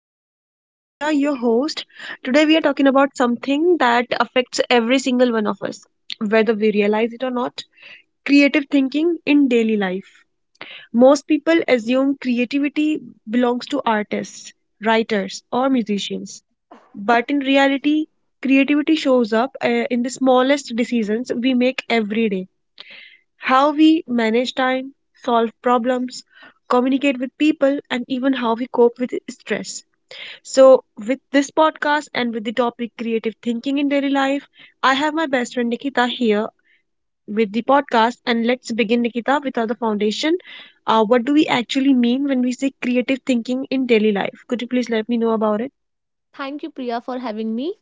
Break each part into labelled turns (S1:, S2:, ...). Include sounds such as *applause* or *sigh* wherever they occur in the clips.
S1: podcast. I'm Priya, your host. Today, we are talking about something that affects every single one of us, whether we realize it or not: creative thinking in daily life. Most people assume creativity belongs to artists, writers, or musicians. But in reality, creativity shows up in the smallest decisions we make every day: how we manage time, solve problems, communicate with people, and even how we cope with stress. So, with this podcast and with the topic creative thinking in daily life, I have my best friend Nikita here with the podcast. And let's begin, Nikita, with our foundation. What do we actually mean when we say creative thinking in daily life? Could you please let me know about it?
S2: Thank you, Priya, for having me.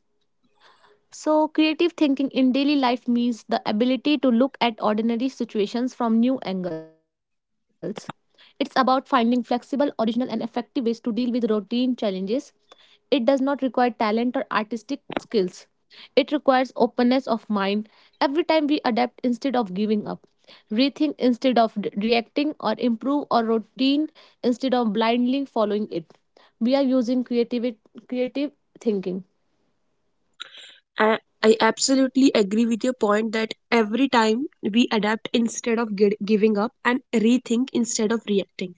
S2: So, creative thinking in daily life means the ability to look at ordinary situations from new angles. It's about finding flexible, original, and effective ways to deal with routine challenges. It does not require talent or artistic skills. It requires openness of mind. Every time we adapt instead of giving up, rethink instead of reacting, or improve our routine instead of blindly following it, we are using creative thinking.
S1: I, I absolutely agree with your point that every time we adapt instead of giving up and rethink instead of reacting.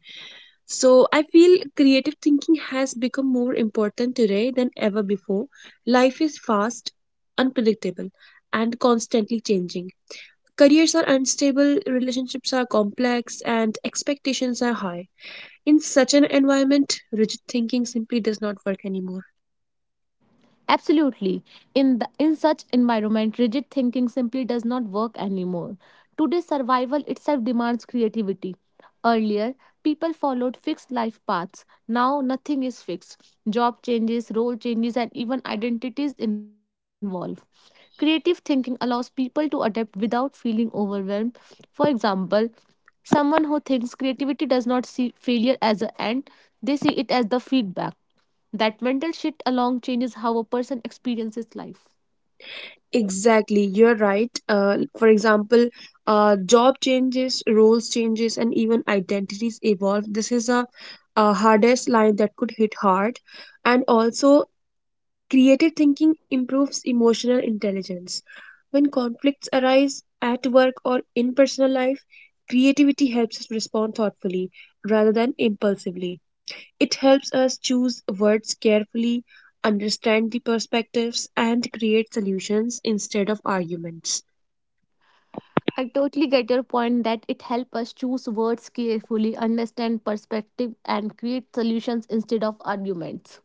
S1: So I feel creative thinking has become more important today than ever before. Life is fast, unpredictable, and constantly changing. Careers are unstable, relationships are complex, and expectations are high. In such an environment, rigid thinking simply does not work anymore.
S2: Absolutely. In such environment, rigid thinking simply does not work anymore. Today's survival itself demands creativity. Earlier, people followed fixed life paths. Now, nothing is fixed. Job changes, role changes, and even identities involve. Creative thinking allows people to adapt without feeling overwhelmed. For example, someone who thinks creativity does not see failure as an end, they see it as the feedback. That mental shift alone changes how a person experiences life.
S1: Exactly, you're right. For example, job changes, roles changes, and even identities evolve. This is a hardest line that could hit hard. And also, creative thinking improves emotional intelligence. When conflicts arise at work or in personal life, creativity helps us respond thoughtfully rather than impulsively. It helps us choose words carefully, understand the perspectives, and create solutions instead of arguments.
S2: I totally get your point that it helps us choose words carefully, understand perspective, and create solutions instead of arguments.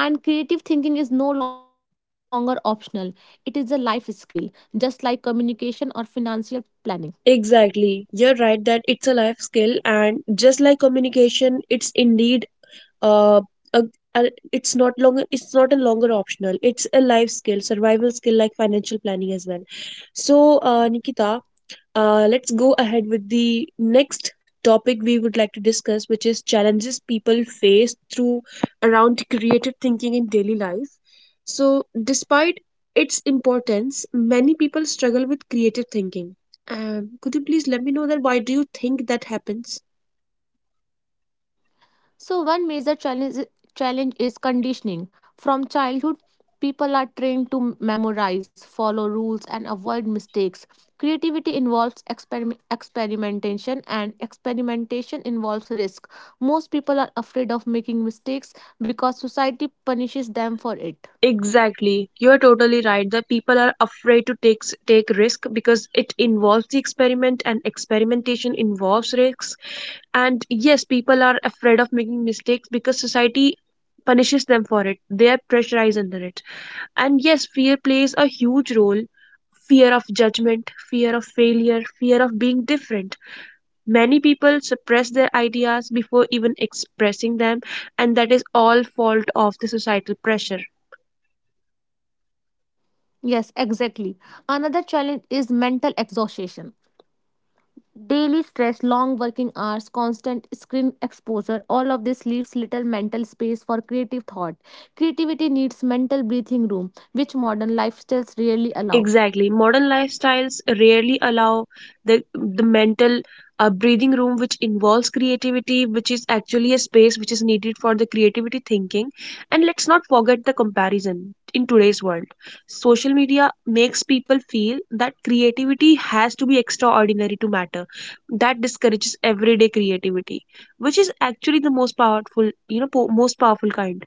S2: And creative thinking is no longer optional, it is a life skill, just like communication or financial planning.
S1: Exactly. You're right that it's a life skill, and just like communication, it's indeed uh, uh, uh, it's not a longer optional. It's a life skill, survival skill, like financial planning as well. So Nikita, let's go ahead with the next topic we would like to discuss, which is challenges people face through around creative thinking in daily life. So despite its importance, many people struggle with creative thinking. Could you please let me know that why do you think that happens?
S2: So, one major challenge is conditioning. From childhood, people are trained to memorize, follow rules, and avoid mistakes. Creativity involves experimentation, and experimentation involves risk. Most people are afraid of making mistakes because society punishes them for it.
S1: Exactly. You're totally right. The people are afraid to take risk because it involves the experiment and experimentation involves risks. And yes, people are afraid of making mistakes because society punishes them for it. They are pressurized under it. And yes, fear plays a huge role. Fear of judgment, fear of failure, fear of being different. Many people suppress their ideas before even expressing them, and that is all fault of the societal pressure.
S2: Yes, exactly. Another challenge is mental exhaustion. Daily stress, long working hours, constant screen exposure, all of this leaves little mental space for creative thought. Creativity needs mental breathing room, which modern lifestyles rarely allow.
S1: Exactly. Modern lifestyles rarely allow the mental breathing room which involves creativity, which is actually a space which is needed for the creativity thinking. And let's not forget the comparison in today's world. Social media makes people feel that creativity has to be extraordinary to matter. That discourages everyday creativity, which is actually the most powerful, most powerful kind.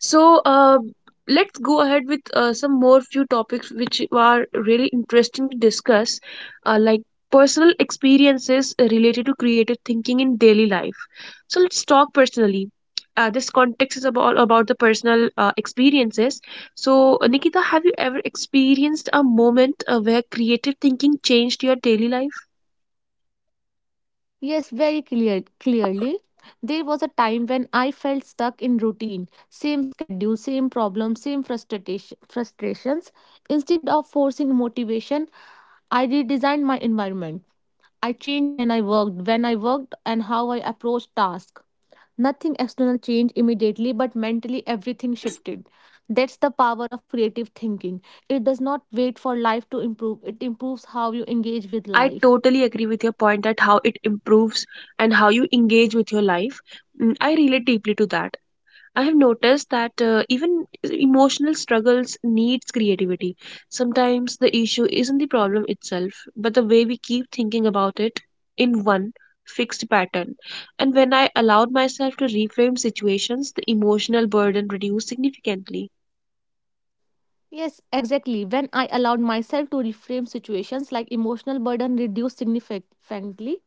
S1: So let's go ahead with some more few topics which are really interesting to discuss, like personal experiences related to creative thinking in daily life. So let's talk personally. This context is about the personal experiences. So Nikita, have you ever experienced a moment where creative thinking changed your daily life?
S2: Yes, very clearly. There was a time when I felt stuck in routine, same schedule, same problem, same frustrations. Instead of forcing motivation, I redesigned my environment. I changed when I worked, and how I approached tasks. Nothing external changed immediately, but mentally everything shifted. That's the power of creative thinking. It does not wait for life to improve, it improves how you engage with
S1: I
S2: life.
S1: totally agree with your point that how it improves and how you engage with your life. Mm, I relate deeply to that. I have noticed that even emotional struggles needs creativity. Sometimes the issue isn't the problem itself, but the way we keep thinking about it in one fixed pattern. And when I allowed myself to reframe situations, the emotional burden reduced significantly.
S2: Yes, exactly. When I allowed myself to reframe situations like emotional burden reduced significantly,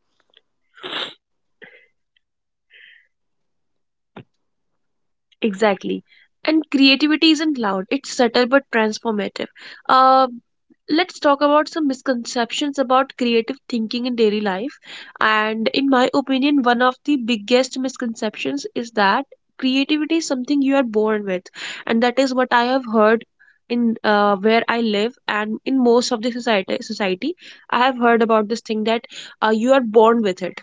S1: Exactly. And creativity isn't loud, it's subtle but transformative. Uh, let's talk about some misconceptions about creative thinking in daily life. And in my opinion, one of the biggest misconceptions is that creativity is something you are born with. And that is what I have heard in, where I live and in most of the society, I have heard about this thing that you are born with it.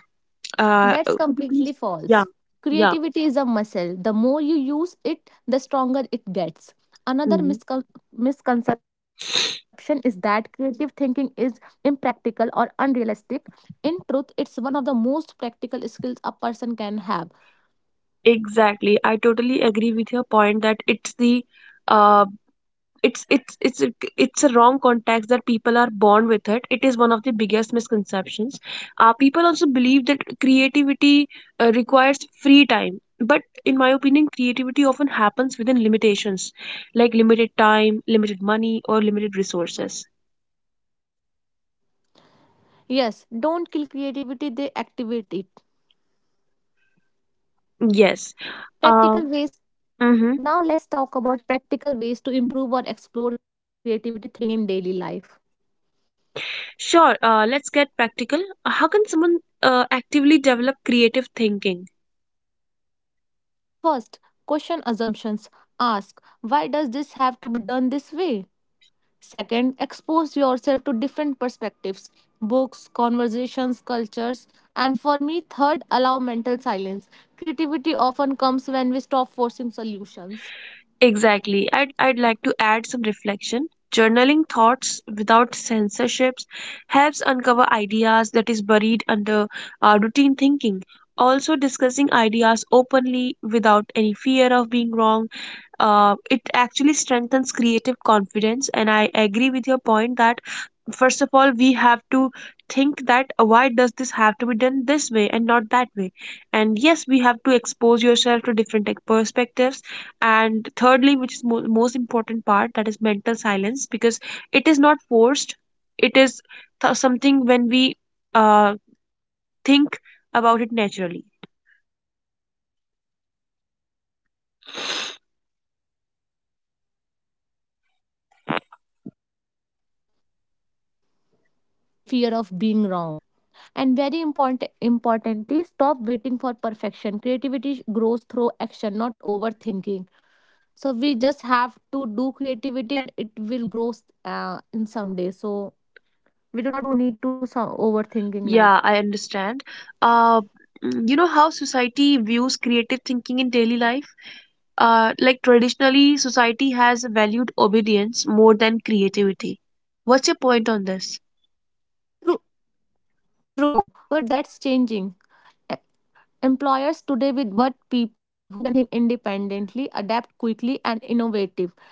S2: that's
S1: Could you
S2: completely
S1: please? Yeah,
S2: false.
S1: yeah.
S2: Creativity is a muscle. The more you use it, the stronger it gets. Another
S1: Mm-hmm.
S2: misconception is that creative thinking is impractical or unrealistic. In truth, it's one of the most practical skills a person can have.
S1: Exactly. I totally agree with your point that it's the uh it's a wrong context that people are born with it. It is one of the biggest misconceptions. People also believe that creativity requires free time, but in my opinion, creativity often happens within limitations, like limited time, limited money, or limited resources.
S2: Yes, don't kill creativity, they activate it.
S1: Yes. Uh,
S2: Practical ways.
S1: mm-hmm.
S2: Now let's talk about practical ways to improve or explore creativity thinking in daily life.
S1: Sure. Let's get practical. How can someone actively develop creative thinking?
S2: First, question assumptions. Ask, why does this have to be done this way? Second, expose yourself to different perspectives, books, conversations, cultures. And for me, third, allow mental silence. Creativity often comes when we stop forcing solutions.
S1: Exactly. I'd like to add some reflection. Journaling thoughts without censorships helps uncover ideas that is buried under routine thinking. Also, discussing ideas openly without any fear of being wrong, it actually strengthens creative confidence. And I agree with your point that, first of all, we have to think that why does this have to be done this way and not that way. And yes, we have to expose yourself to different, like, perspectives. And thirdly, which is most important part, that is mental silence, because it is not forced. It is something when we uh, think about it naturally.
S2: I had add reflection, and creativity often comes when we stop forcing solutions without fear of being wrong. And very importantly, stop waiting for perfection. Creativity grows through action, not overthinking. So we just have to do creativity and it will grow in some day. So we do not do need to do some overthinking,
S1: Yeah,
S2: like
S1: I understand. Uh, you know how society views creative thinking in daily life? Like traditionally, society has valued obedience more than creativity. What's your point on this?
S2: true, true, but that's changing. E- Employers today with what people who can think independently, adapt quickly, and innovative.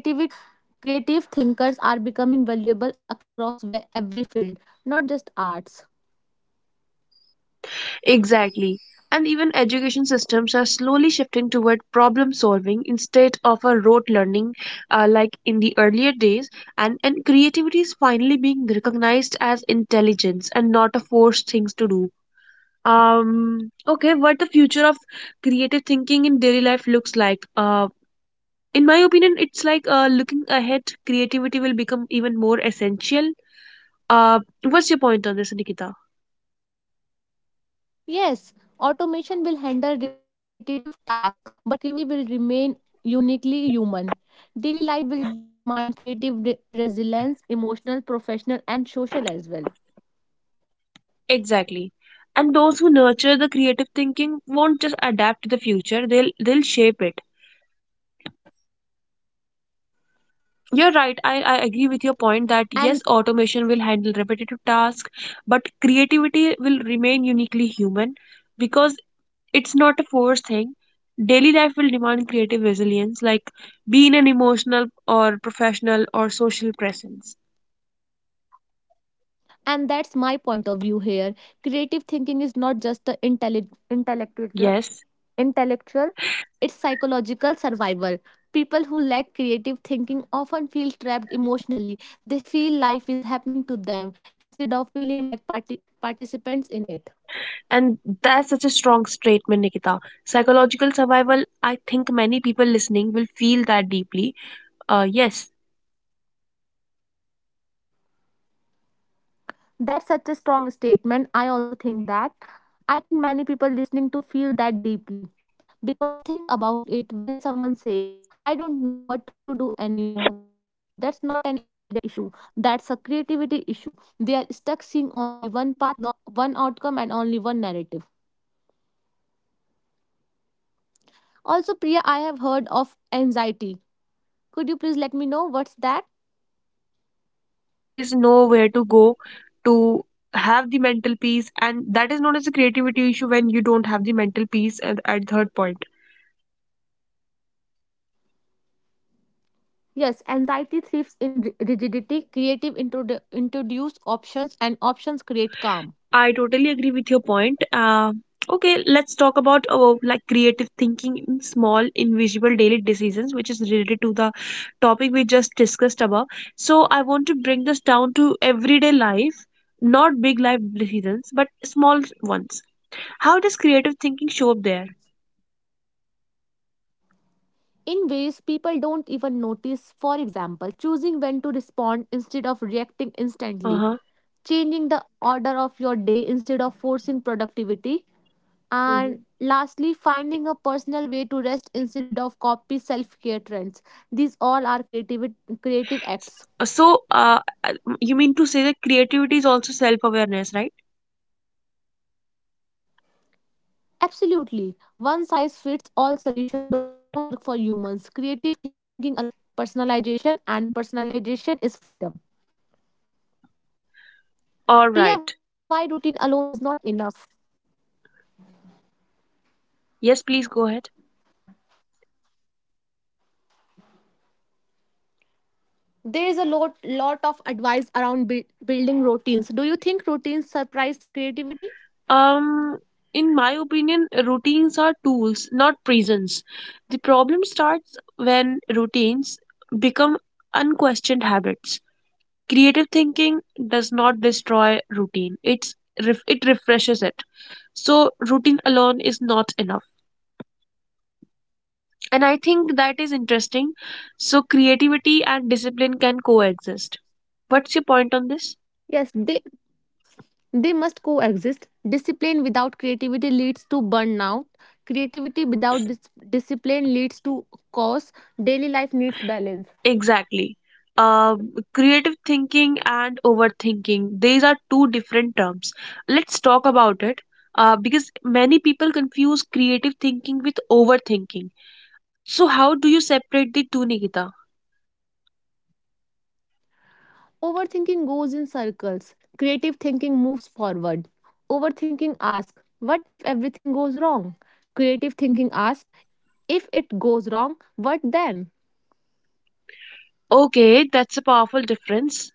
S2: Creativity creative thinkers are becoming valuable across every field, not just arts.
S1: Exactly. And even education systems are slowly shifting toward problem solving instead of a rote learning, like in the earlier days. And creativity is finally being recognized as intelligence and not a forced things to do. Okay, what the future of creative thinking in daily life looks like, in my opinion it's like, looking ahead creativity will become even more essential. What's your point on this, Nikita?
S2: Yes, automation will handle repetitive tasks, but creativity will remain uniquely human. Daily life will demand creative resilience, emotional, professional, and social as well.
S1: Exactly. And those who nurture the creative thinking won't just adapt to the future, they'll shape it. You're right. I agree with your point that
S2: And
S1: yes, automation will handle repetitive tasks, but creativity will remain uniquely human because it's not a forced thing. Daily life will demand creative resilience, like being an emotional or professional or social presence.
S2: and that's my point of view here. Creative thinking is not just the intelli- intellectual
S1: Yes.
S2: intellectual, it's psychological survival. People who lack creative thinking often feel trapped emotionally. They feel life is happening to them instead of feeling like participants in it.
S1: And that's such a strong statement, Nikita. Psychological survival, I think many people listening will feel that deeply. Yes.
S2: That's such a strong statement. I also think that. I think many people listening to feel that deeply. Because think about it, when someone says, "I don't know what to do anymore," that's not an intelligent issue. That's a creativity issue. They are stuck seeing only one path, no, one outcome, and only one narrative. Also, Priya, I
S1: Exactly,
S2: have
S1: and
S2: heard
S1: that
S2: of
S1: creates
S2: anxiety.
S1: anxiety. They are stuck
S2: Could you
S1: seeing
S2: please
S1: only
S2: let me
S1: one
S2: know what's
S1: path, one
S2: that?
S1: outcome, one narrative, and there is nowhere to go to have the mental peace. And that is known as a creativity issue when you don't have the mental peace at third point.
S2: Yes, anxiety thrives in rigidity. Creative introduce options, and options create calm
S1: I totally agree with your point. Okay, let's talk about, like creative thinking in small, invisible daily decisions, which is related to the topic we just discussed about. So I want to bring this down to everyday life, not big life decisions, but small ones. How does creative thinking show up there?
S2: in ways people don't even notice. For example, choosing when to respond instead of reacting
S1: Uh
S2: instantly,
S1: huh.
S2: changing the order of your day instead of forcing productivity, and
S1: Mhm.
S2: lastly, finding a personal way to rest instead of copy self care trends. These all are creative acts.
S1: So, you mean to say that creativity is also self-awareness, right?
S2: Absolutely. One size fits all solution don't work for humans. Creative thinking allows personalization, and personalization is freedom.
S1: All right.
S2: Priya, why routine alone is not enough?
S1: Yes, please go ahead.
S2: There is a lot of advice around building routines. Do you think routines surprise creativity?
S1: Um, in my opinion, routines are tools, not prisons. The problem starts when routines become unquestioned habits. Creative thinking does not destroy routine, it refreshes it. So, routine alone is not enough. And I think that is interesting. So, creativity and discipline can coexist. What's your point on this?
S2: Yes, they must coexist. Discipline without creativity leads to burnout. Creativity without discipline leads to chaos. Daily life needs balance.
S1: Exactly. Creative thinking and overthinking, these are two different terms. Let's talk about it, because many people confuse creative thinking with overthinking. So, how do you separate the two, Nikita?
S2: Overthinking goes in circles. Creative thinking moves forward. Overthinking asks, "What if everything goes wrong?" Creative thinking asks, "If it goes wrong, what then?"
S1: Okay, that's a powerful difference.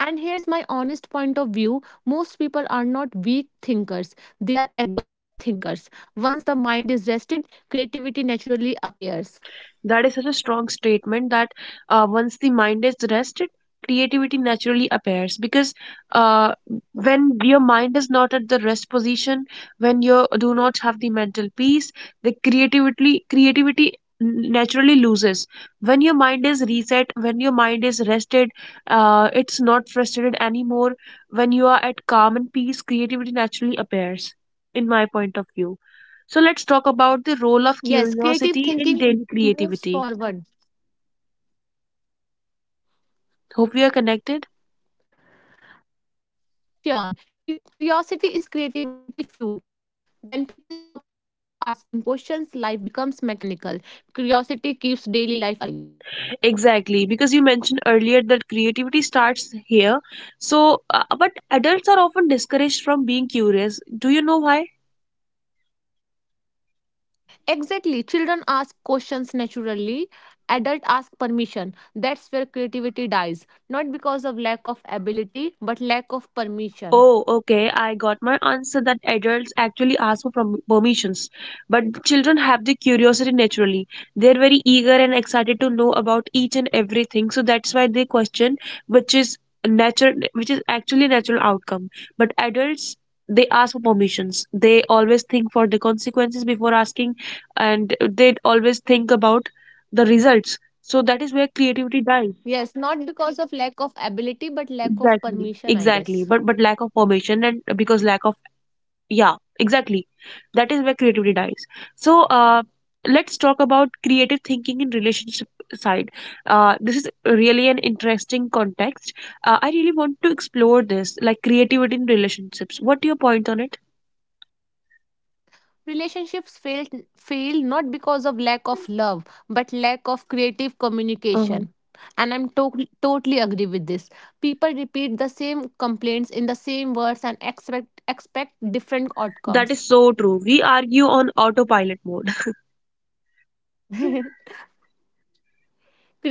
S2: And here's my honest point of view: most people are not weak thinkers, they are exhausted thinkers. Once the mind is rested, creativity naturally appears.
S1: That is such a strong statement that once the mind is rested, creativity naturally appears, because uh, when your mind is not at the rest position, when you do not have the mental peace, the creativity naturally loses. When your mind is reset, when your mind is rested, it's not frustrated anymore. When you are at calm and peace, creativity naturally appears. In my point of view. So let's talk about the role of
S2: Yes, creative
S1: curiosity in
S2: thinking
S1: daily
S2: moves
S1: creativity.
S2: forward.
S1: Hope we are connected.
S2: Sure, curiosity is creativity fuel. When people stop asking questions, life becomes mechanical. Curiosity keeps daily life alive.
S1: Exactly, because you mentioned earlier that creativity starts here. So, but adults are often discouraged from being curious. Do you know why?
S2: Exactly. Children ask questions naturally. Adult ask permission. That's where creativity dies. Not because of lack of ability, but lack of permission.
S1: Oh, okay. I got my answer that adults actually ask for permissions, but children have the curiosity naturally. They're very eager and excited to know about each and everything, so that's why they question, which is natural, which is actually a natural outcome. But adults, they ask for permissions. They always think for the consequences before asking, and they always think about the results. So that is where creativity dies.
S2: Yes, not because of lack of ability, but lack of
S1: Exactly,
S2: permission, I
S1: exactly.
S2: guess.
S1: But lack of permission, and because lack of, yeah, exactly, that is where creativity dies. So, let's talk about creative thinking in relationship side. This is really an interesting context. I really want to explore this, like creativity in relationships. What are your point on it?
S2: Relationships fail not because of lack of love, but lack of creative
S1: Mhm.
S2: communication. And I'm totally agree with this. People repeat the same complaints in the same words and expect different
S1: That is
S2: outcomes.
S1: so true, we argue on autopilot mode. *laughs*
S2: *laughs*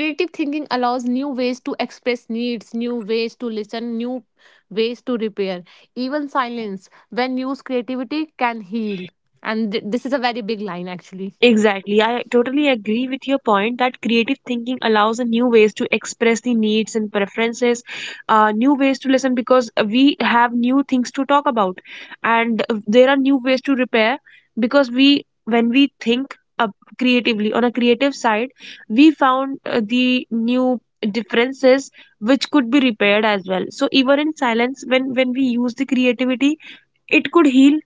S2: Creative thinking allows new ways to express needs, new ways to listen, new ways to repair. Even silence, when used creativity, can heal. And this is a very big line, actually.
S1: Exactly. I totally agree with your point that creative thinking allows a new ways to express the needs and preferences, new ways to listen because we have new things to talk about, and there are new ways to repair because we when we think up creatively on a creative side, we found the new differences which could be repaired as well. So even in silence, when we use the creativity, it could heal.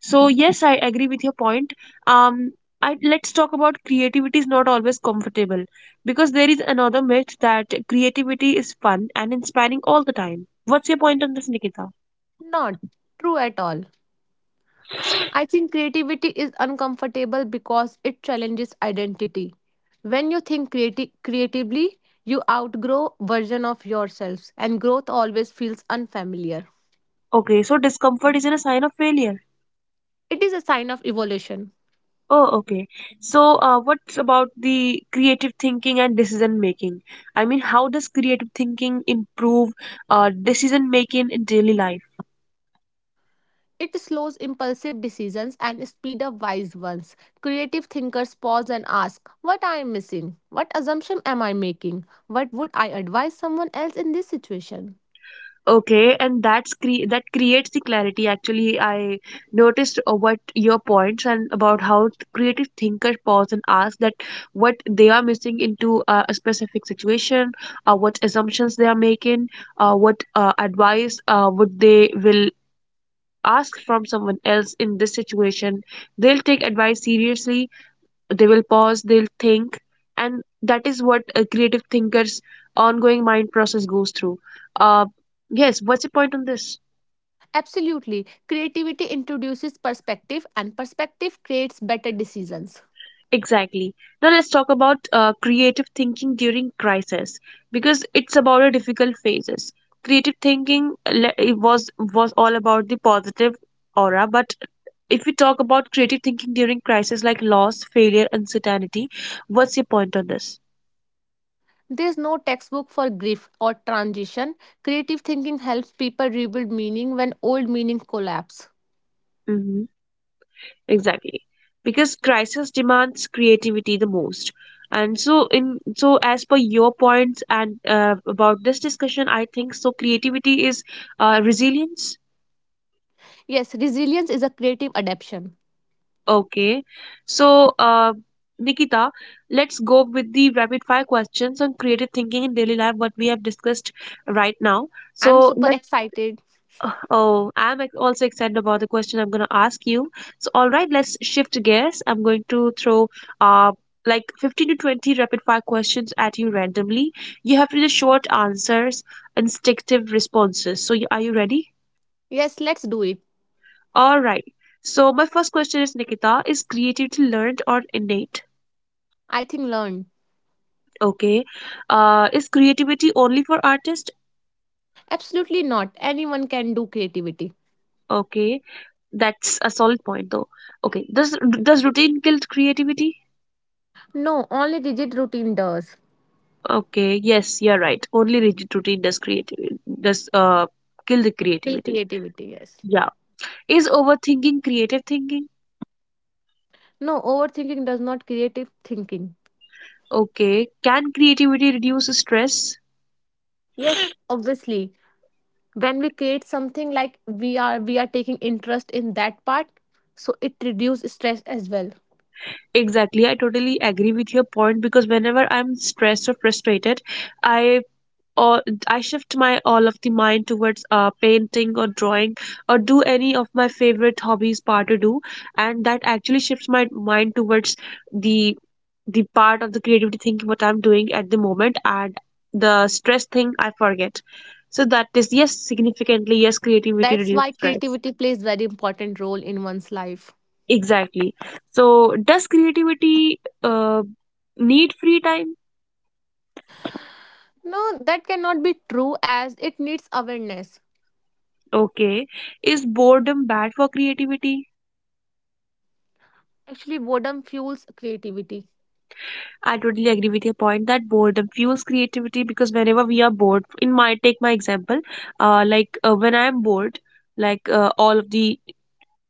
S1: So yes, I agree with your point. Um, let's talk about creativity is not always comfortable because there is another myth that creativity is fun and inspiring all the time. What's your point on this, Nikita?
S2: Not true at all. I think creativity is uncomfortable because it challenges identity. When you think creatively, you outgrow version of yourselves, and growth always feels unfamiliar.
S1: Okay, so discomfort isn't a sign of failure.
S2: It is a sign of evolution.
S1: Oh, okay. So, what's about the creative thinking and decision making? I mean, how does creative thinking improve decision making in daily life?
S2: It slows impulsive decisions and speed up wise ones. Creative thinkers pause and ask, what I am missing? What assumption am I making? What would I advise someone else in this situation?
S1: Okay, and that's that creates the clarity. Actually, I noticed what your points and about how creative thinkers pause and ask that what they are missing into a specific situation, what assumptions they are making, what advice would they will ask from someone else in this situation. They'll take advice seriously, they will pause, they'll think, and that is what a creative thinker's ongoing mind process goes through. uh, yes, what's your point on this?
S2: Absolutely. Creativity introduces perspective, and perspective creates better decisions.
S1: Exactly. Now let's talk about creative thinking during crisis because it's about the difficult phases. Creative thinking, it was all about the positive aura, but if we talk about creative thinking during crisis like loss, failure, uncertainty, what's your point on this?
S2: There's no textbook for grief or transition. Creative thinking helps people rebuild meaning when old meaning collapse.
S1: Exactly, because crisis demands creativity the most. And so in so as per your points and about this discussion, I think so creativity is resilience.
S2: Yes, resilience is a creative adaptation.
S1: Okay, so Nikita, let's go with the rapid fire questions on creative thinking in daily life what we have discussed right now.
S2: I'm
S1: So
S2: super
S1: let's—
S2: excited.
S1: Oh, I'm also excited about the question I'm going to ask you. So, all right, let's shift gears. I'm going to throw uh, like 15 to 20 rapid fire questions at you randomly. You have to do short answers, instinctive responses. So, are you ready?
S2: Yes, let's do it.
S1: All right. So, my first question is, Nikita, is creativity learned or innate?
S2: I think learn.
S1: Okay. Is creativity only for artists?
S2: Absolutely not. Anyone can do creativity.
S1: Okay. That's a solid point, though. Okay. Does routine kill creativity?
S2: No, only rigid routine does.
S1: Okay, yes, you're right. Only rigid routine does creativity does kill the
S2: Kill
S1: creativity.
S2: creativity, yes.
S1: Yeah. Is overthinking creative thinking?
S2: No, overthinking does not creative thinking.
S1: Okay. Can creativity reduce stress?
S2: Yes, obviously. When we create something, like we are taking interest in that part, so it reduces stress as well.
S1: Exactly. I totally agree with your point because whenever I'm stressed or frustrated, I or I shift my all of the mind towards painting or drawing or do any of my favorite hobbies part to do, and that actually shifts my mind towards the the part of the creativity thinking what I'm doing at the moment, and the stress thing I forget. So that is yes, significantly yes, creativity
S2: That's
S1: reduces
S2: why
S1: stress.
S2: creativity plays very important role in one's life.
S1: Exactly. So does creativity need free time?
S2: No, that cannot be true as it needs awareness.
S1: Okay. Is boredom bad for creativity?
S2: Actually, boredom fuels creativity.
S1: I totally agree with your point that boredom fuels creativity because whenever we are bored, in my take my example, when I am bored, all of the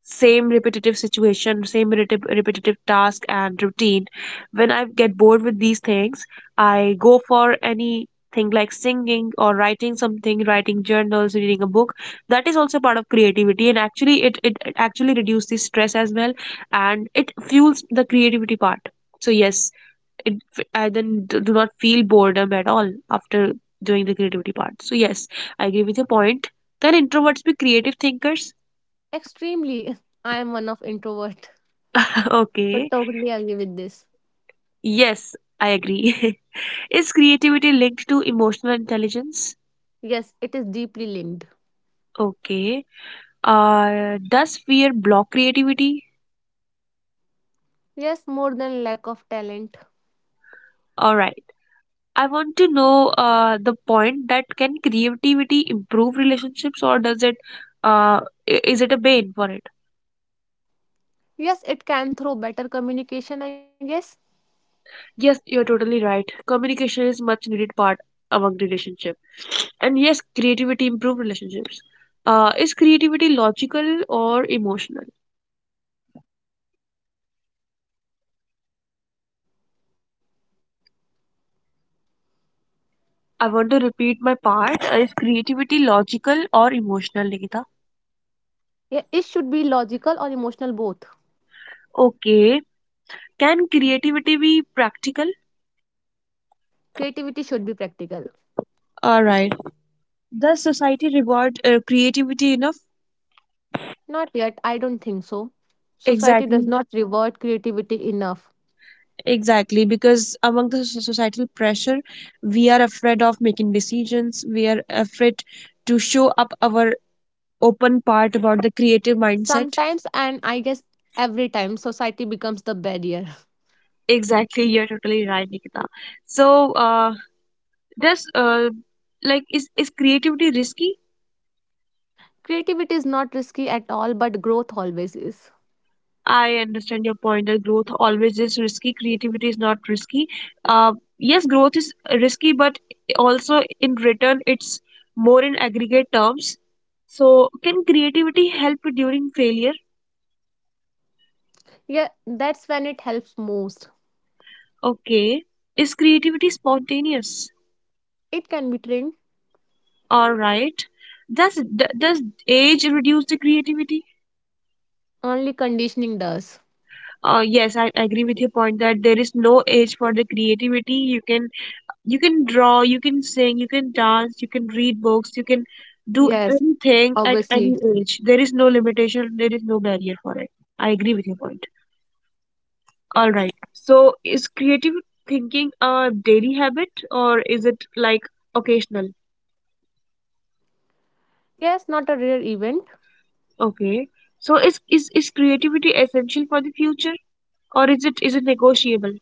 S1: same repetitive situation, same repetitive task and routine, when I get bored with these things, I go for anything like singing or writing something, writing journals, reading a book. That is also part of creativity, and actually it actually reduces the stress as well, and it fuels the creativity part. So yes, I then do not feel boredom at all after doing the creativity part. So yes, I agree with your point. Can introverts be creative thinkers?
S2: Extremely. *laughs* I am one of introvert.
S1: *laughs*
S2: So
S1: Okay.
S2: totally agree with this.
S1: Yes, I agree. *laughs* Is creativity linked to emotional intelligence?
S2: Yes, it is deeply linked.
S1: Okay. Does fear block creativity?
S2: Yes, more than lack of talent.
S1: All right. I want to know the point that can creativity improve relationships or does it uh, is it a bane for it?
S2: Yes, it can throw better communication, I guess.
S1: Yes, you're totally right. Communication is much needed part among relationship. And yes, creativity improve relationships. Is creativity logical
S2: I
S1: or
S2: think it should be
S1: emotional?
S2: both logical or emotional.
S1: I want to repeat my part. Is creativity logical or emotional, Nikita?
S2: Yeah, it should be logical or emotional both.
S1: Okay. Can creativity be practical?
S2: Creativity should be practical.
S1: All right. Does society reward creativity enough?
S2: Not yet, I don't think so. Society does
S1: Exactly.
S2: not reward creativity enough.
S1: Exactly. Because among the societal pressure, we are afraid of making decisions. We are afraid to show up our open part about the creative mindset.
S2: Sometimes, and I guess every time, society becomes the barrier.
S1: Exactly, you're totally right, Nikita. So, does is creativity risky?
S2: *laughs* Creativity is not risky at all, but growth always is.
S1: I understand your point that growth always is risky. Creativity is not risky. Yes, growth is risky, but also in return, it's more in aggregate terms. So, can creativity help during failure?
S2: Yeah, that's when it helps most.
S1: Okay, is creativity spontaneous?
S2: It can be trained,
S1: All right. Does age reduce the creativity?
S2: only conditioning does.
S1: Yes, I agree with your point that there is no age for the creativity. You can draw, you can sing, you can dance, you can read books, you can
S2: Yes,
S1: do anything at
S2: obviously.
S1: any age. There is no limitation, there is no barrier for it. I agree with your point. All right. So is creative thinking a daily habit or is it like occasional?
S2: Yes, not a rare event,
S1: Okay. So is creativity essential for the future or is it negotiable?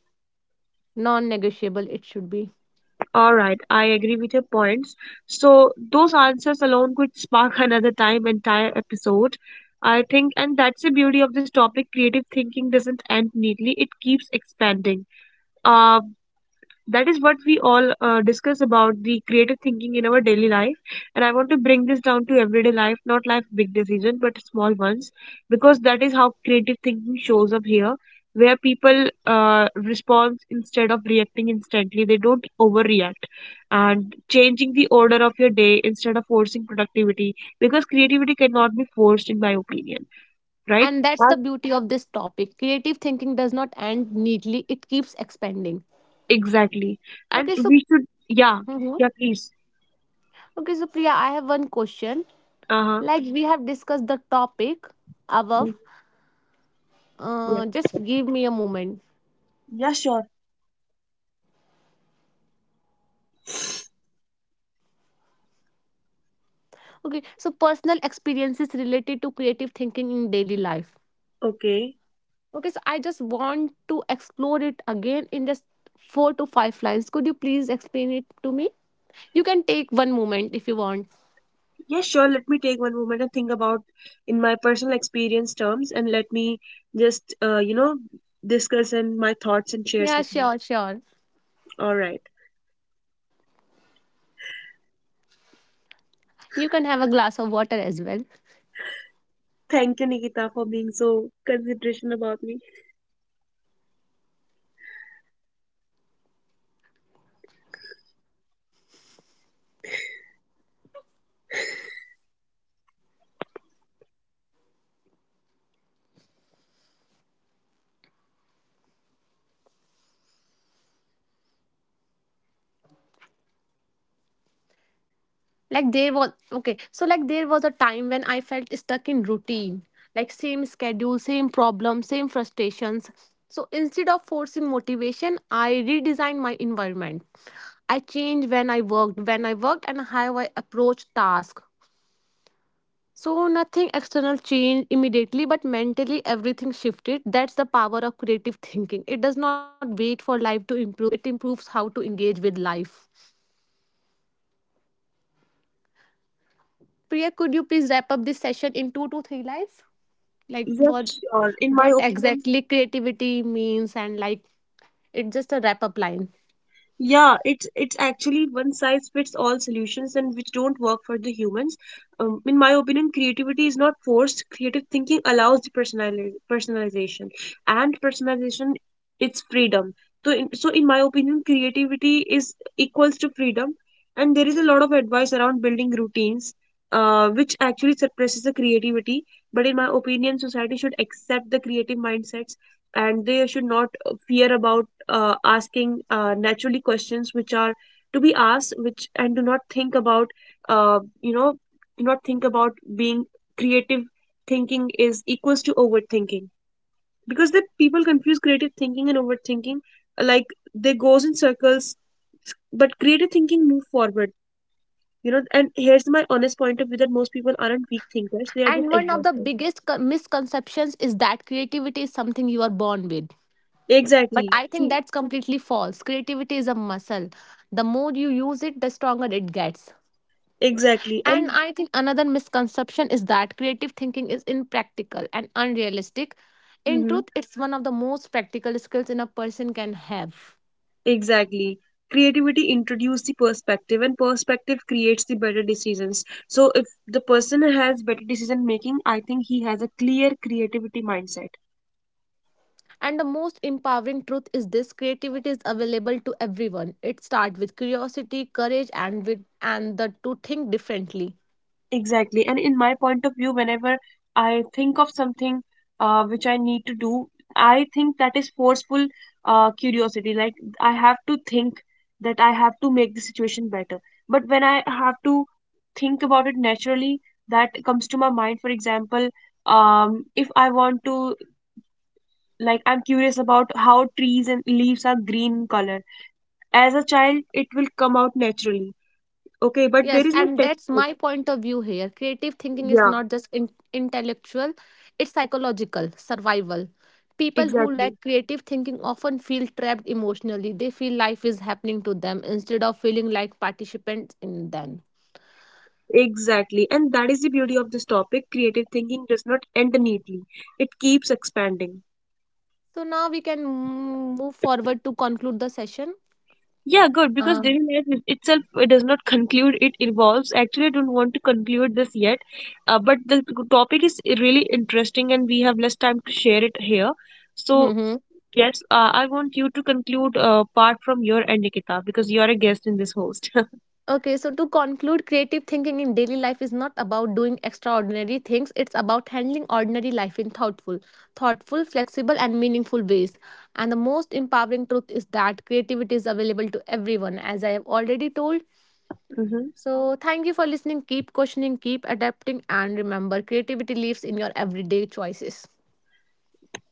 S2: non negotiable it should be.
S1: All right, I agree with your points. So those answers alone could spark *laughs* another time entire episode. I think, and that's the beauty of this topic, creative thinking doesn't end neatly, it keeps expanding. Uh that is what we all discuss about the creative thinking in our daily life, and I want to bring this down to everyday life, not life big decisions but small ones, because that is how creative thinking shows up here, where people respond instead of reacting instantly, they don't overreact, and changing the order of your day instead of forcing productivity, because creativity cannot be forced in my opinion, right?
S2: And that's the
S1: And—
S2: beauty of this topic. Creative thinking does not end neatly, it keeps expanding.
S1: exactly, and
S2: Okay, so
S1: we should, yeah,
S2: mhm,
S1: yeah, please,
S2: okay, so Priya, I have one question.
S1: uh-huh,
S2: Like we have discussed the topic above.
S1: yes.
S2: Just give me a moment.
S1: Yeah, sure.
S2: Okay, so personal experiences related to creative thinking in daily life.
S1: Okay.
S2: Okay, so I just want to explore it again in just 4 to 5 lines. Could you please explain it to me? You can take one moment if you want.
S1: Yeah, sure. Let me take one moment and think about in my personal experience terms, and let me just, discuss and my thoughts and shares
S2: Yeah,
S1: with you.
S2: sure, sure.
S1: All right.
S2: You can have a glass of water as well.
S1: Thank you, Nikita, for being so consideration about me.
S2: Like there was, okay, so like there was a time when I felt stuck in routine, like same schedule, same problem, same frustrations. So instead of forcing motivation, I redesigned my environment. I changed when I worked, and how I approached tasks. So nothing external changed immediately, but mentally everything shifted. That's the power of creative thinking. It does not wait for life to improve, it improves how to engage with life. Priya, could you please wrap up this session in 2 to 3 lines? Like for
S1: Yes, sure. In my
S2: what
S1: opinion,
S2: exactly creativity means, and like it's just a wrap up line.
S1: yeah, it's actually one size fits all solutions and which don't work for the humans. In my opinion, creativity is not forced. Creative thinking allows the personalization, and personalization it's freedom. So in my opinion, creativity is equals to freedom, and there is a lot of advice around building routines, which actually suppresses the creativity. But in my opinion, society should accept the creative mindsets, and they should not fear about asking naturally questions which are to be asked which and do not think about uh, you know do not think about being creative thinking is equals to overthinking because the people confuse creative thinking and overthinking, like they goes in circles, but creative thinking move forward, you know, and here's my honest point of view that most people aren't weak thinkers, they are just
S2: And one of the
S1: exhausted.
S2: biggest misconceptions is that creativity is something you are born with. But
S1: Exactly,
S2: I think
S1: see.
S2: that's completely false. Creativity is a muscle. The more you use it, the stronger it gets.
S1: Exactly,
S2: And
S1: and
S2: I think another misconception is that creative thinking is impractical and unrealistic. In truth,
S1: mhm.
S2: it's one of the most practical skills in a person can have.
S1: Exactly. Creativity introduces the perspective, and perspective creates the better decisions. So, if the person has better decision making, I think he has a clear creativity mindset.
S2: And the most empowering truth is this: creativity is available to everyone. It starts with curiosity, courage, and with and the to think differently.
S1: Exactly. And in my point of view, whenever I think of something which I need to do, I think that is forceful curiosity. Like I have to think that I have to make the situation better. But when I have to think about it naturally, that comes to my mind. For example, if I want to, like, I'm curious about how trees and leaves are green in color. As a child, it will come out naturally. Okay, but there
S2: Yes,
S1: is no
S2: and that's
S1: textbook.
S2: my point of view here. Creative thinking is
S1: Yeah,
S2: not just intellectual, it's psychological, survival. People who
S1: exactly.
S2: lack creative thinking often feel trapped emotionally. They feel life is happening to them instead of feeling like participants in them.
S1: Exactly, and that is the beauty of this topic. Creative thinking does not end neatly, it keeps expanding.
S2: So now we can move forward to conclude the session.
S1: Yeah, good, because
S2: Uh,
S1: daily life itself does not conclude, it evolves. Actually, I don't want to conclude this yet, but the topic is really interesting and we have less time to share it here.
S2: *laughs*
S1: So,
S2: mhm.
S1: yes, I want you to conclude part from your end, Nikita, because you are a guest in this host. *laughs*
S2: Okay, so to conclude, creative thinking in daily life is not about doing extraordinary things. It's about handling ordinary life in thoughtful, flexible, and meaningful ways. And the most empowering truth is that creativity is available to everyone, as I have already told.
S1: Mhm.
S2: So, thank you for listening. Keep questioning, keep adapting, and remember, creativity lives in your everyday choices.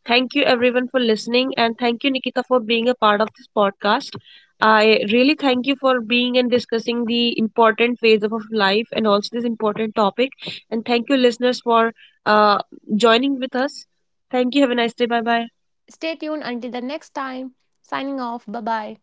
S1: Thank you everyone for listening, and thank you Nikita for being a part of this podcast. I really thank you for being and discussing the important phase of life and also this important topic. And thank you listeners for uh, joining with us. Thank you. Have a nice day. Bye bye.
S2: Stay tuned until the next time. Signing off. Bye bye.